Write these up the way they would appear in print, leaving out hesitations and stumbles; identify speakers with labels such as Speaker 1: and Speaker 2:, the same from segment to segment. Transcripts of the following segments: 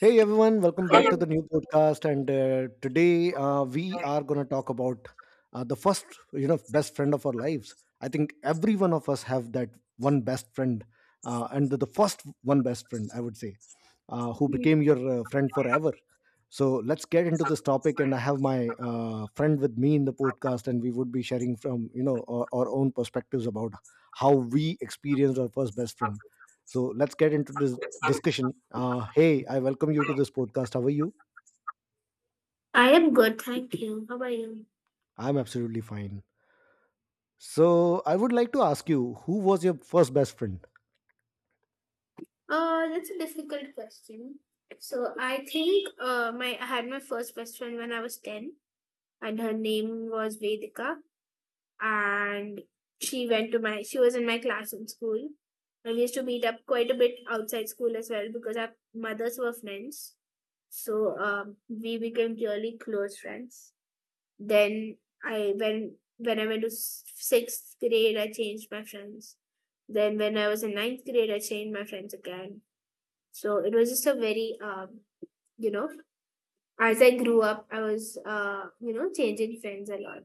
Speaker 1: Hey everyone, welcome back to
Speaker 2: I
Speaker 1: the new podcast. And today we are going to talk about the first, best friend of our lives. I think every one of us have that one best friend, and the first one best friend, I would say, who became your friend forever. So let's get into this topic, and I have my friend with me in the podcast, and we would be sharing from our own perspectives about how we experienced our first best friend. So let's get into this discussion. Hey, I welcome you to this podcast. How are you?
Speaker 2: am good, thank you. How are you?
Speaker 1: I'm absolutely fine. So I would like to ask you, who was your first best friend?
Speaker 2: That's a difficult question. So I think my I had my first best friend when I was ten, and her name was Vedika, and she was in my class in school. And we used to meet up quite a bit outside school as well because our mothers were friends. So we became really close friends. Then I when I went to sixth grade, I changed my friends. Then when I was in ninth grade, I changed my friends again. So it was just a very you know as I grew up, I was changing friends a lot.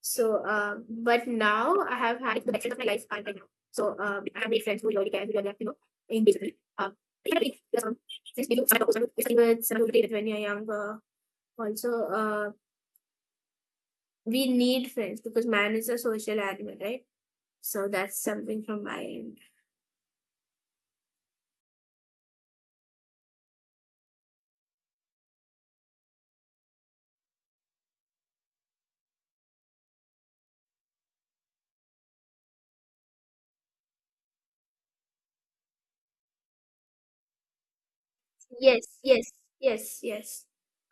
Speaker 2: So but now I have had the best friends of my life are right now. So I have made friends who really care, who really are, engaged with me. Yeah, I think that's all. Since we do start also, we started with some people when you're younger also we need friends because man is a social animal, right? So that's something from my end. Yes, yes, yes, yes.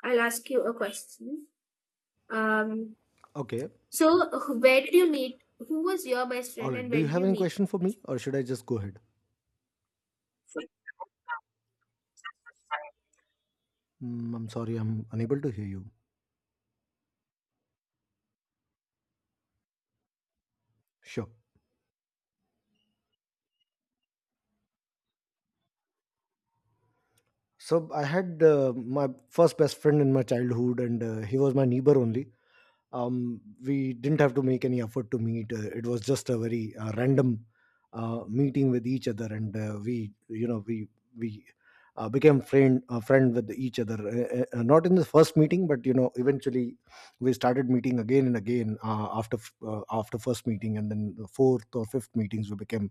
Speaker 2: I'll ask you a question. Um,
Speaker 1: Okay.
Speaker 2: so where did you meet? Who was your best
Speaker 1: All
Speaker 2: friend and
Speaker 1: right. Do
Speaker 2: where
Speaker 1: you
Speaker 2: did
Speaker 1: have
Speaker 2: you
Speaker 1: any
Speaker 2: meet?
Speaker 1: question for me, or should I just go ahead? I'm sorry, I'm unable to hear you. Sure. So I had my first best friend in my childhood, and he was my neighbor only. We didn't have to make any effort to meet. It was just a very random meeting with each other, and we, you know, we became friend with each other. Not in the first meeting, but eventually we started meeting again and again after first meeting, and then the fourth or fifth meetings we became.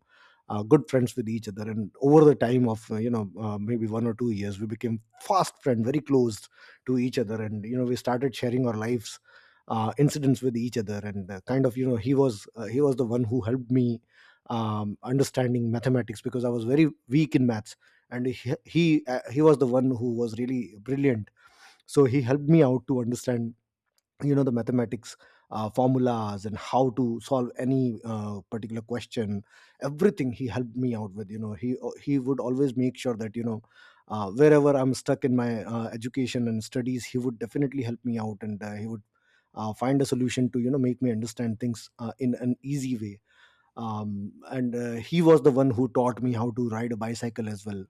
Speaker 1: Uh, good friends with each other, and over the time of maybe one or two years, we became fast friend, very close to each other, and we started sharing our lives incidents with each other, and kind of he was the one who helped me understanding mathematics because I was very weak in maths, and he was the one who was really brilliant, so he helped me out to understand the mathematics formulas and how to solve any particular question. Everything he helped me out with, he would always make sure that, wherever I'm stuck in my education and studies, he would definitely help me out, and he would find a solution to make me understand things in an easy way. And he was the one who taught me how to ride a bicycle as well.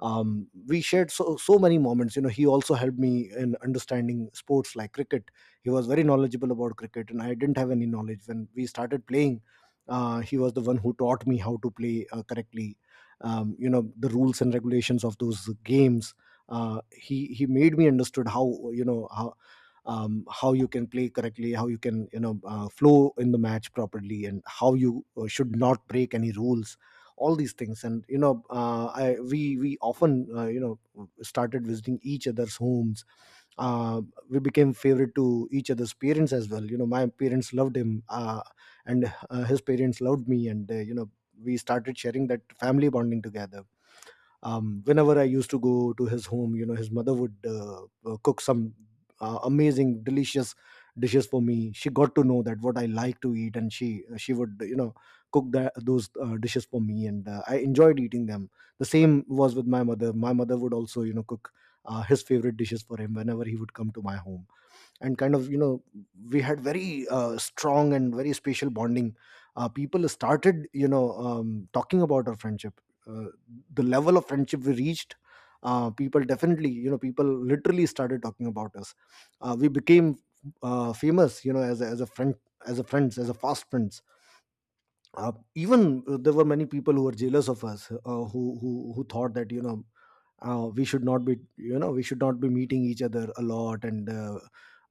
Speaker 1: We shared so so many moments. He also helped me in understanding sports like cricket. He was very knowledgeable about cricket, and I didn't have any knowledge when we started playing. He was the one who taught me how to play correctly, you know, the rules and regulations of those games. He made me understood how, you know how, how you can play correctly, how you can, flow in the match properly, and how you should not break any rules. All these things. And, you know, I we often started visiting each other's homes. Uh, we became favorite to each other's parents as well. You know, my parents loved him, and his parents loved me, and, we started sharing that family bonding together. Whenever I used to go to his home, you know, his mother would cook some amazing delicious dishes for me. She got to know that what I like to eat, and she would, you know, cook that those dishes for me, and I enjoyed eating them. The same was with my mother. My mother would also, you know, cook his favorite dishes for him whenever he would come to my home. And kind of, you know, we had very strong and very special bonding. People started, talking about our friendship. uh, the level of friendship we reached, people definitely, people literally started talking about us. We became famous, you know, as a friend, as a friends, as a fast friends. Even there were many people who were jealous of us, who thought that, we should not be, we should not be meeting each other a lot, and uh,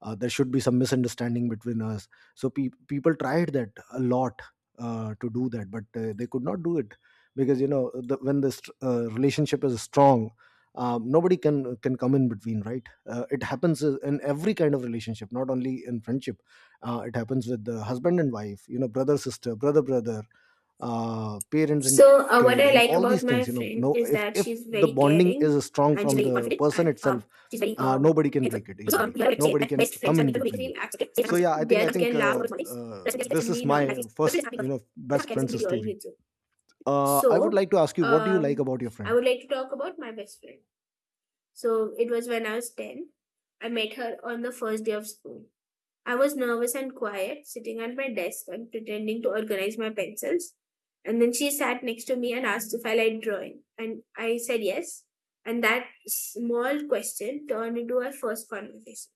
Speaker 1: uh, there should be some misunderstanding between us. So people tried that a lot to do that, but they could not do it because, you know, when this relationship is strong, nobody can come in between, right. It happens in every kind of relationship, not only in friendship. It happens with the husband and wife, you know, brother sister, brother, parents and
Speaker 2: So what
Speaker 1: kid,
Speaker 2: I
Speaker 1: and
Speaker 2: like
Speaker 1: all these
Speaker 2: about
Speaker 1: things,
Speaker 2: my
Speaker 1: you know.
Speaker 2: friend
Speaker 1: No,
Speaker 2: is
Speaker 1: if
Speaker 2: that she's
Speaker 1: the
Speaker 2: very
Speaker 1: bonding
Speaker 2: caring,
Speaker 1: is strong
Speaker 2: and she's
Speaker 1: from
Speaker 2: very
Speaker 1: the
Speaker 2: confident,
Speaker 1: person
Speaker 2: and
Speaker 1: itself,
Speaker 2: she's very
Speaker 1: nobody can
Speaker 2: helpful.
Speaker 1: break it
Speaker 2: So
Speaker 1: easily,
Speaker 2: you have to say
Speaker 1: nobody
Speaker 2: that
Speaker 1: can
Speaker 2: best
Speaker 1: come
Speaker 2: friends are
Speaker 1: in
Speaker 2: people who make
Speaker 1: between.
Speaker 2: you feel accepted, safe, and
Speaker 1: So
Speaker 2: understood.
Speaker 1: yeah, i
Speaker 2: They
Speaker 1: think
Speaker 2: are the
Speaker 1: i
Speaker 2: ones who
Speaker 1: think
Speaker 2: can laugh
Speaker 1: uh,
Speaker 2: over small things.
Speaker 1: uh,
Speaker 2: That's why they're
Speaker 1: this is
Speaker 2: definitely not
Speaker 1: my
Speaker 2: happy. Best
Speaker 1: first,
Speaker 2: friends are people.
Speaker 1: you know,
Speaker 2: That's how
Speaker 1: best
Speaker 2: careless we
Speaker 1: friend's
Speaker 2: deal
Speaker 1: story.
Speaker 2: with.
Speaker 1: I would
Speaker 2: So,
Speaker 1: like to ask you, what do you like
Speaker 2: um,
Speaker 1: about your
Speaker 2: I
Speaker 1: friend?
Speaker 2: would like to talk about my best friend. So, it was when I was 10. I met her on the first day of school. I was nervous and quiet, sitting at my desk and pretending to organize my pencils. And then she sat next to me and asked if I liked drawing. And I said yes. And that small question turned into our first conversation.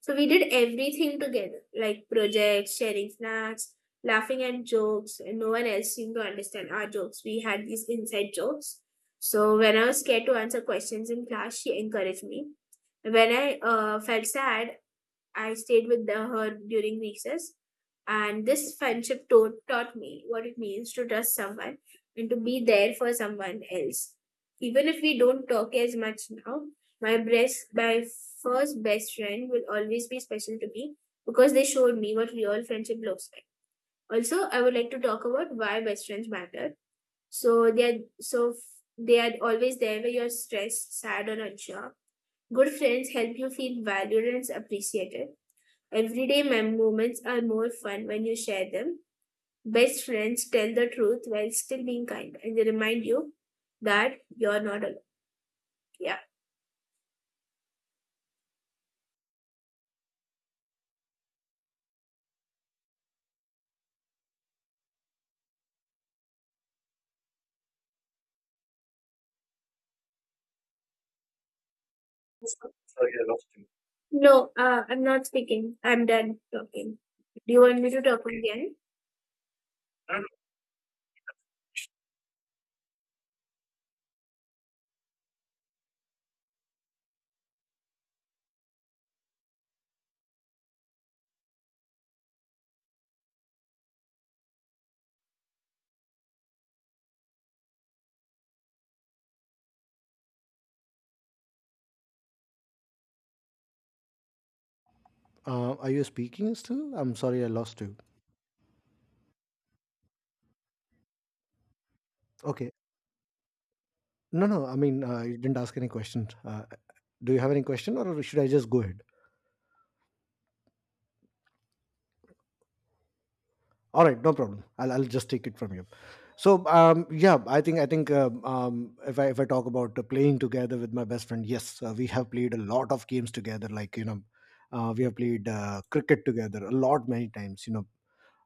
Speaker 2: So we did everything together, like projects, sharing snacks, laughing at jokes, and no one else seemed to understand our jokes. We had these inside jokes. So when I was scared to answer questions in class, she encouraged me. When I felt sad, I stayed with her during recess, and this friendship taught me what it means to trust someone and to be there for someone else. Even if we don't talk as much now, my first best friend will always be special to me because they showed me what real friendship looks like. Also, I would like to talk about why best friends matter. So they are always there when you're stressed, sad, or unsure. Good friends help you feel valued and appreciated. Everyday moments are more fun when you share them. Best friends tell the truth while still being kind, and they remind you that you're not alone. Yeah. No, I'm not speaking. I'm done talking. Do you want me to talk again?
Speaker 1: Are you speaking still? I'm sorry, I lost you. Okay. No, no, I mean, you didn't ask any questions. Do you have any question, or should I just go ahead? All right, no problem. I'll just take it from you. So yeah, I think if I talk about playing together with my best friend, yes, we have played a lot of games together. Like, you know, we have played cricket together a lot many times. You know,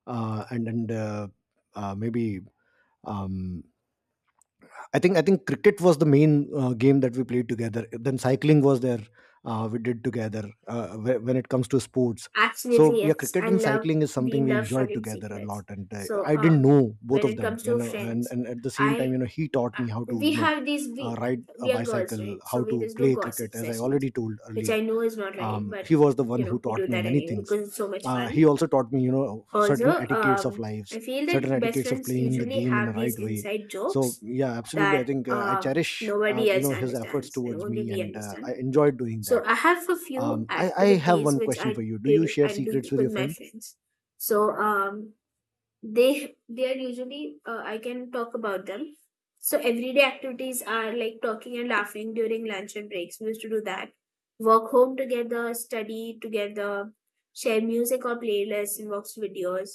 Speaker 1: and maybe, um, I think cricket was the main game that we played together. Then cycling was there. We did together when it comes to sports. So
Speaker 2: Absolutely,
Speaker 1: yeah,
Speaker 2: yes.
Speaker 1: cricket and cycling is
Speaker 2: We
Speaker 1: something we
Speaker 2: love
Speaker 1: enjoyed
Speaker 2: sharing
Speaker 1: together a lot.
Speaker 2: secrets.
Speaker 1: And
Speaker 2: So,
Speaker 1: I didn't know both
Speaker 2: when
Speaker 1: of
Speaker 2: it
Speaker 1: them,
Speaker 2: comes
Speaker 1: you
Speaker 2: to
Speaker 1: know. And
Speaker 2: friends,
Speaker 1: and at the same time,
Speaker 2: I,
Speaker 1: you know, he taught me how to,
Speaker 2: we have these,
Speaker 1: ride a
Speaker 2: we are girls,
Speaker 1: bicycle,
Speaker 2: right? So
Speaker 1: how
Speaker 2: we
Speaker 1: to
Speaker 2: just do
Speaker 1: play
Speaker 2: gossip
Speaker 1: cricket, as I
Speaker 2: sessions,
Speaker 1: already told
Speaker 2: which
Speaker 1: earlier.
Speaker 2: I know is not right, but
Speaker 1: He was the one
Speaker 2: you
Speaker 1: who
Speaker 2: know, we
Speaker 1: taught
Speaker 2: do
Speaker 1: me
Speaker 2: that
Speaker 1: many
Speaker 2: anyway
Speaker 1: things.
Speaker 2: because it's so much
Speaker 1: He
Speaker 2: fun.
Speaker 1: also taught me, you know,
Speaker 2: Also,
Speaker 1: certain etiquettes of lives,
Speaker 2: I feel that
Speaker 1: certain
Speaker 2: best
Speaker 1: etiquettes of
Speaker 2: friends
Speaker 1: playing the
Speaker 2: usually
Speaker 1: game in a
Speaker 2: have these
Speaker 1: right way.
Speaker 2: inside
Speaker 1: So
Speaker 2: jokes
Speaker 1: yeah, absolutely, i
Speaker 2: that
Speaker 1: think uh, I cherish,
Speaker 2: nobody
Speaker 1: you
Speaker 2: else
Speaker 1: know, his efforts
Speaker 2: understands, and
Speaker 1: towards
Speaker 2: only
Speaker 1: me,
Speaker 2: we
Speaker 1: and I
Speaker 2: understand.
Speaker 1: enjoyed doing
Speaker 2: So
Speaker 1: that.
Speaker 2: I have a few
Speaker 1: I have
Speaker 2: activities
Speaker 1: one
Speaker 2: which
Speaker 1: question for you. Do you share
Speaker 2: I
Speaker 1: secrets
Speaker 2: do
Speaker 1: with
Speaker 2: with
Speaker 1: your
Speaker 2: my
Speaker 1: friends?
Speaker 2: friends. So they are usually I can talk about them. So everyday activities are like talking and laughing during lunch and breaks. We used to do that, walk home together, study together, share music or playlists, and watch videos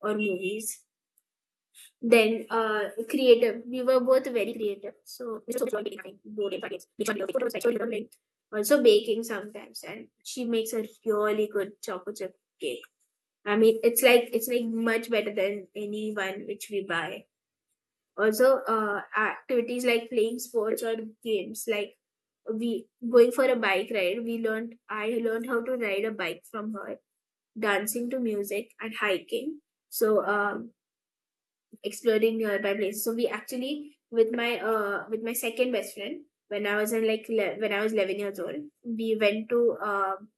Speaker 2: or movies. Then creative, we were both very creative, so we used to enjoy making nothing, board games, card games, make videos, photos, like, show things. Also baking sometimes, and she makes a really good chocolate chip cake. I mean, it's like much better than any one which we buy. Also, activities like playing sports or games, like we going for a bike ride. We learned I learned how to ride a bike from her, dancing to music and hiking. So, exploring nearby places. So we actually with my second best friend when I was in when I was 11 years old, we went to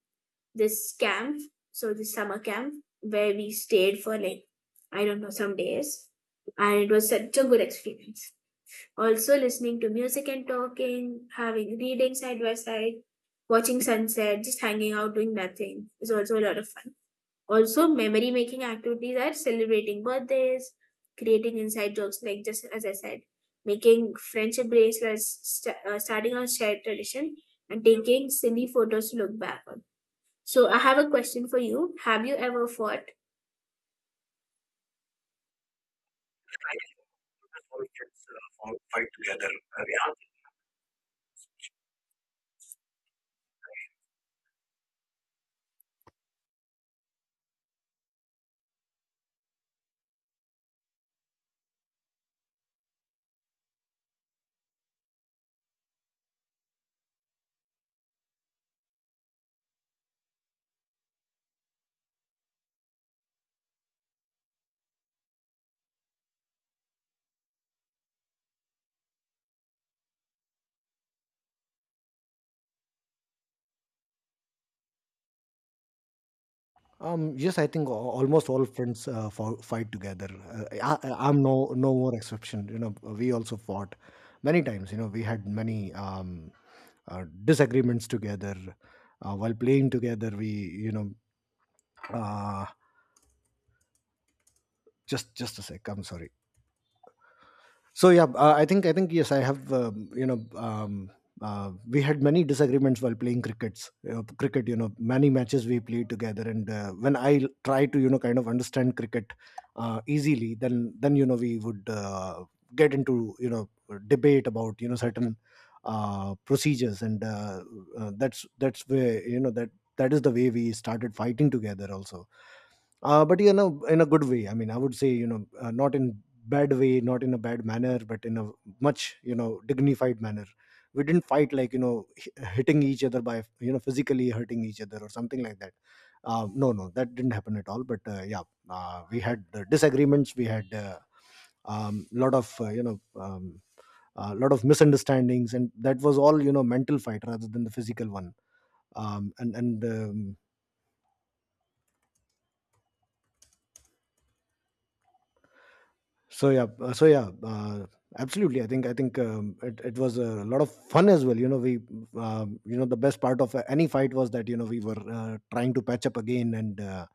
Speaker 2: this camp, so this summer camp where we stayed for like I don't know some days, and it was such a good experience. Also, listening to music and talking, having reading side by side, watching sunset, just hanging out doing nothing is also a lot of fun. Also, memory making activities are celebrating birthdays, creating inside jokes, like just as I said, making friendship bracelets, starting a shared tradition, and taking silly photos to look back on. So I have a question for you. Have you ever fought?
Speaker 1: Yes, I think almost all friends fight together. I'm no more exception. You know, we also fought many times. You know, we had many disagreements together while playing together. We, you know, uh, just a sec. I'm sorry. So yeah, I think yes, I have, we had many disagreements while playing crickets. Cricket, you know, many matches we played together, and when I try to, you know, kind of understand cricket easily, then you know, we would get into, you know, debate about, you know, certain procedures, and that's where, you know, that is the way we started fighting together also. But, you know, in a good way, I mean, I would say, you know, not in bad way, not in a bad manner, but in a much, you know, dignified manner. We didn't fight like, you know, hitting each other by, you know, physically hurting each other or something like that. No, no, that didn't happen at all, but yeah, we had disagreements. We had a, lot of, a lot of misunderstandings, and that was all, you know, mental fight rather than the physical one. And So yeah, so yeah, absolutely. I think it was a lot of fun as well. You know, we, you know, the best part of any fight was that, you know, we were trying to patch up again, and uh,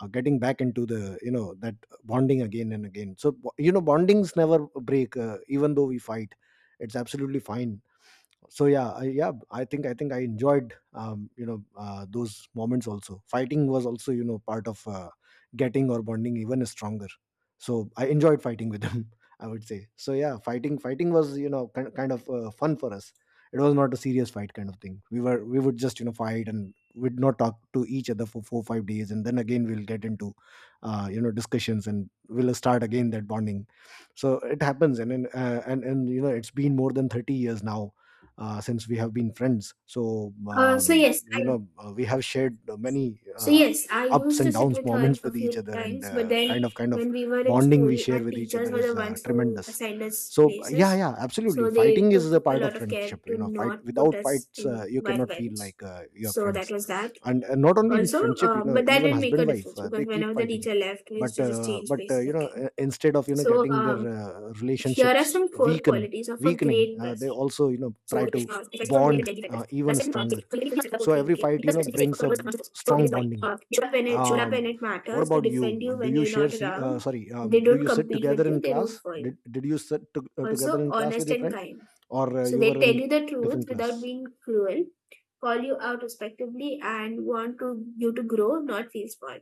Speaker 1: uh, getting back into the, you know, that bonding again and again. So you know, bondings never break, even though we fight. It's absolutely fine. So yeah, I think I enjoyed those moments also. Fighting was also, you know, part of getting or bonding even stronger. So I enjoyed fighting with them, I would say. So yeah, fighting was, you know, kind of fun for us. It was not a serious fight kind of thing. We would just, you know, fight and we'd not talk to each other for 4 5 days, and then again we'll get into you know, discussions, and we'll start again that bonding. So it happens. And it's been more than 30 years now since we have been friends. So,
Speaker 2: Uh, so yes, I
Speaker 1: we have shared many
Speaker 2: so yes, I
Speaker 1: ups
Speaker 2: used
Speaker 1: and
Speaker 2: to sit
Speaker 1: downs
Speaker 2: with her
Speaker 1: moments
Speaker 2: a
Speaker 1: with each
Speaker 2: few
Speaker 1: other, and
Speaker 2: times, but then
Speaker 1: kind of
Speaker 2: when we were in
Speaker 1: bonding we
Speaker 2: school,
Speaker 1: share
Speaker 2: our
Speaker 1: with each
Speaker 2: teachers
Speaker 1: other
Speaker 2: were
Speaker 1: is
Speaker 2: the ones who
Speaker 1: tremendous.
Speaker 2: assigned us
Speaker 1: So, yeah,
Speaker 2: places.
Speaker 1: yeah, absolutely.
Speaker 2: So they
Speaker 1: Fighting is
Speaker 2: took
Speaker 1: a
Speaker 2: a
Speaker 1: part of
Speaker 2: lot of care
Speaker 1: friendship. You
Speaker 2: to
Speaker 1: know, fight—
Speaker 2: not put
Speaker 1: without
Speaker 2: us
Speaker 1: fights,
Speaker 2: in
Speaker 1: you
Speaker 2: one
Speaker 1: cannot feel
Speaker 2: bench.
Speaker 1: like you're
Speaker 2: So that
Speaker 1: friends.
Speaker 2: was that.
Speaker 1: And not only in
Speaker 2: Also,
Speaker 1: friendship, you know,
Speaker 2: but that
Speaker 1: even
Speaker 2: didn't make
Speaker 1: husband
Speaker 2: a
Speaker 1: wife,
Speaker 2: difference
Speaker 1: they
Speaker 2: because
Speaker 1: keep
Speaker 2: whenever the
Speaker 1: fighting.
Speaker 2: teacher left, we used
Speaker 1: But
Speaker 2: to just
Speaker 1: uh,
Speaker 2: change
Speaker 1: but uh,
Speaker 2: places again.
Speaker 1: instead of
Speaker 2: So
Speaker 1: getting their
Speaker 2: here are
Speaker 1: relationships
Speaker 2: some core
Speaker 1: weaken
Speaker 2: qualities of a
Speaker 1: weakening
Speaker 2: great
Speaker 1: they
Speaker 2: best friend.
Speaker 1: also, you know,
Speaker 2: So
Speaker 1: try
Speaker 2: it is
Speaker 1: to
Speaker 2: precisely for
Speaker 1: bond
Speaker 2: related daily factors.
Speaker 1: even
Speaker 2: Plus and
Speaker 1: stronger.
Speaker 2: city. So even if you set
Speaker 1: So
Speaker 2: both thing,
Speaker 1: every
Speaker 2: okay,
Speaker 1: fight, you
Speaker 2: because
Speaker 1: know,
Speaker 2: especially safe for
Speaker 1: brings
Speaker 2: the
Speaker 1: a
Speaker 2: most of. So it
Speaker 1: strong
Speaker 2: is why.
Speaker 1: bonding.
Speaker 2: Should up
Speaker 1: um
Speaker 2: when it
Speaker 1: what
Speaker 2: matters, they
Speaker 1: about you?
Speaker 2: defend you
Speaker 1: Do
Speaker 2: when
Speaker 1: you—
Speaker 2: you're
Speaker 1: share
Speaker 2: not
Speaker 1: se-
Speaker 2: around.
Speaker 1: sorry
Speaker 2: They
Speaker 1: do
Speaker 2: don't
Speaker 1: you sit
Speaker 2: compete with
Speaker 1: together in
Speaker 2: you, they root
Speaker 1: class?
Speaker 2: for you.
Speaker 1: Did you sit together
Speaker 2: Also
Speaker 1: in class with
Speaker 2: honest
Speaker 1: your
Speaker 2: and
Speaker 1: friend,
Speaker 2: kind.
Speaker 1: or
Speaker 2: So
Speaker 1: you
Speaker 2: they
Speaker 1: were
Speaker 2: tell
Speaker 1: in
Speaker 2: you the truth
Speaker 1: different
Speaker 2: without
Speaker 1: class?
Speaker 2: being cruel, call you out respectively and want to you to grow, not feel spoiled.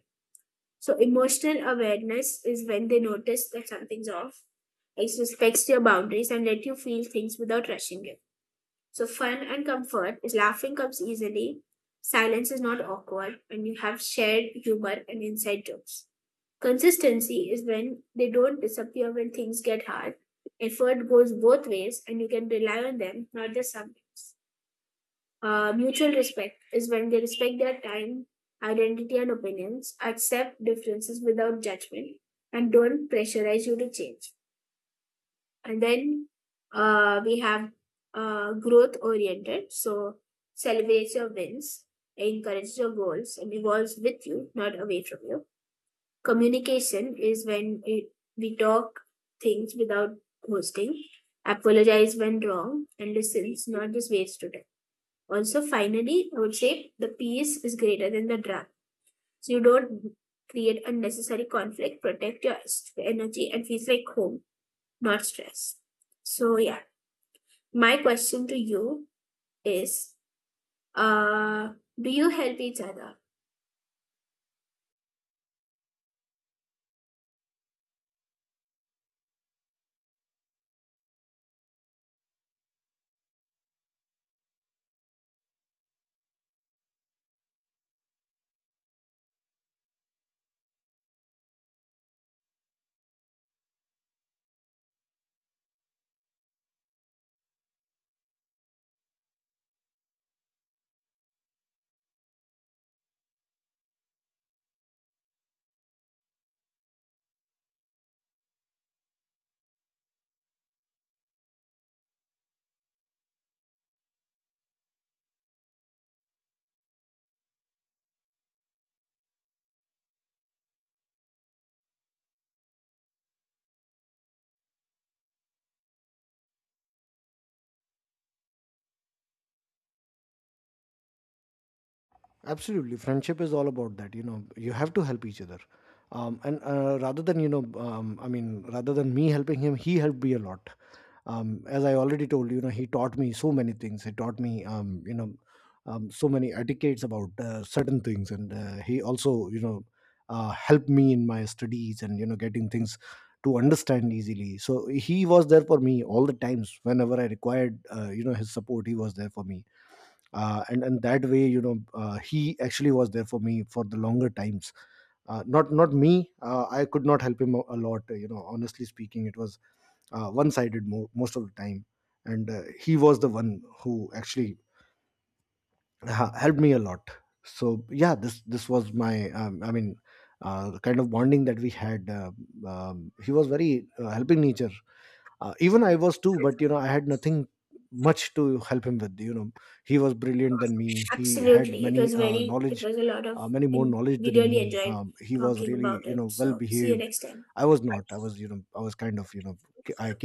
Speaker 2: So emotional awareness is when they notice that something's off. It respects your boundaries and let you feel things without rushing it. So, fun and comfort is laughing comes easily, silence is not awkward, and you have shared humor and inside jokes. Consistency is when they don't disappear when things get hard. Effort goes both ways, and you can rely on them, not just sometimes. Mutual respect is when they respect their time, identity, and opinions, accept differences without judgment, and don't pressurize you to change. And then we have growth oriented. So celebrates your wins, encourages your goals, and evolves with you, not away from you. Communication is when we talk things without hosting, apologize when wrong, and listens, not just waste to time. Also, finally, I would say the peace is greater than the drama. So you don't create unnecessary conflict, protect your energy, and feels like home, not stress. So, yeah. My question to you is uh do you help each other?
Speaker 1: Absolutely, friendship is all about that. You know, you have to help each other. And Rather than, you know, I mean, rather than me helping him, he helped me a lot. As I already told you, you know, he taught me so many things. He taught me, you know, so many etiquettes about certain things, and he also, you know, helped me in my studies and, you know, getting things to understand easily. So he was there for me all the times whenever I required, you know, his support. He was there for me, and that way, you know, he actually was there for me for the longer times. Not me. I could not help him a lot. You know, honestly speaking, it was one sided most of the time. And he was the one who actually helped me a lot. So yeah, this was my I mean, the kind of bonding that we had. He was very helping nature. Even I was too, but you know, I had nothing much to help him with, you know. He was brilliant than me. He had
Speaker 2: Absolutely.
Speaker 1: many
Speaker 2: It
Speaker 1: knowledge,
Speaker 2: was a lot of,
Speaker 1: many more
Speaker 2: and
Speaker 1: knowledge
Speaker 2: we
Speaker 1: than
Speaker 2: really
Speaker 1: me.
Speaker 2: enjoyed
Speaker 1: He was
Speaker 2: talking
Speaker 1: really,
Speaker 2: about
Speaker 1: you
Speaker 2: it.
Speaker 1: know, well
Speaker 2: So see you
Speaker 1: behaved.
Speaker 2: next time.
Speaker 1: I was not. I was, you know, I was kind of, you know, I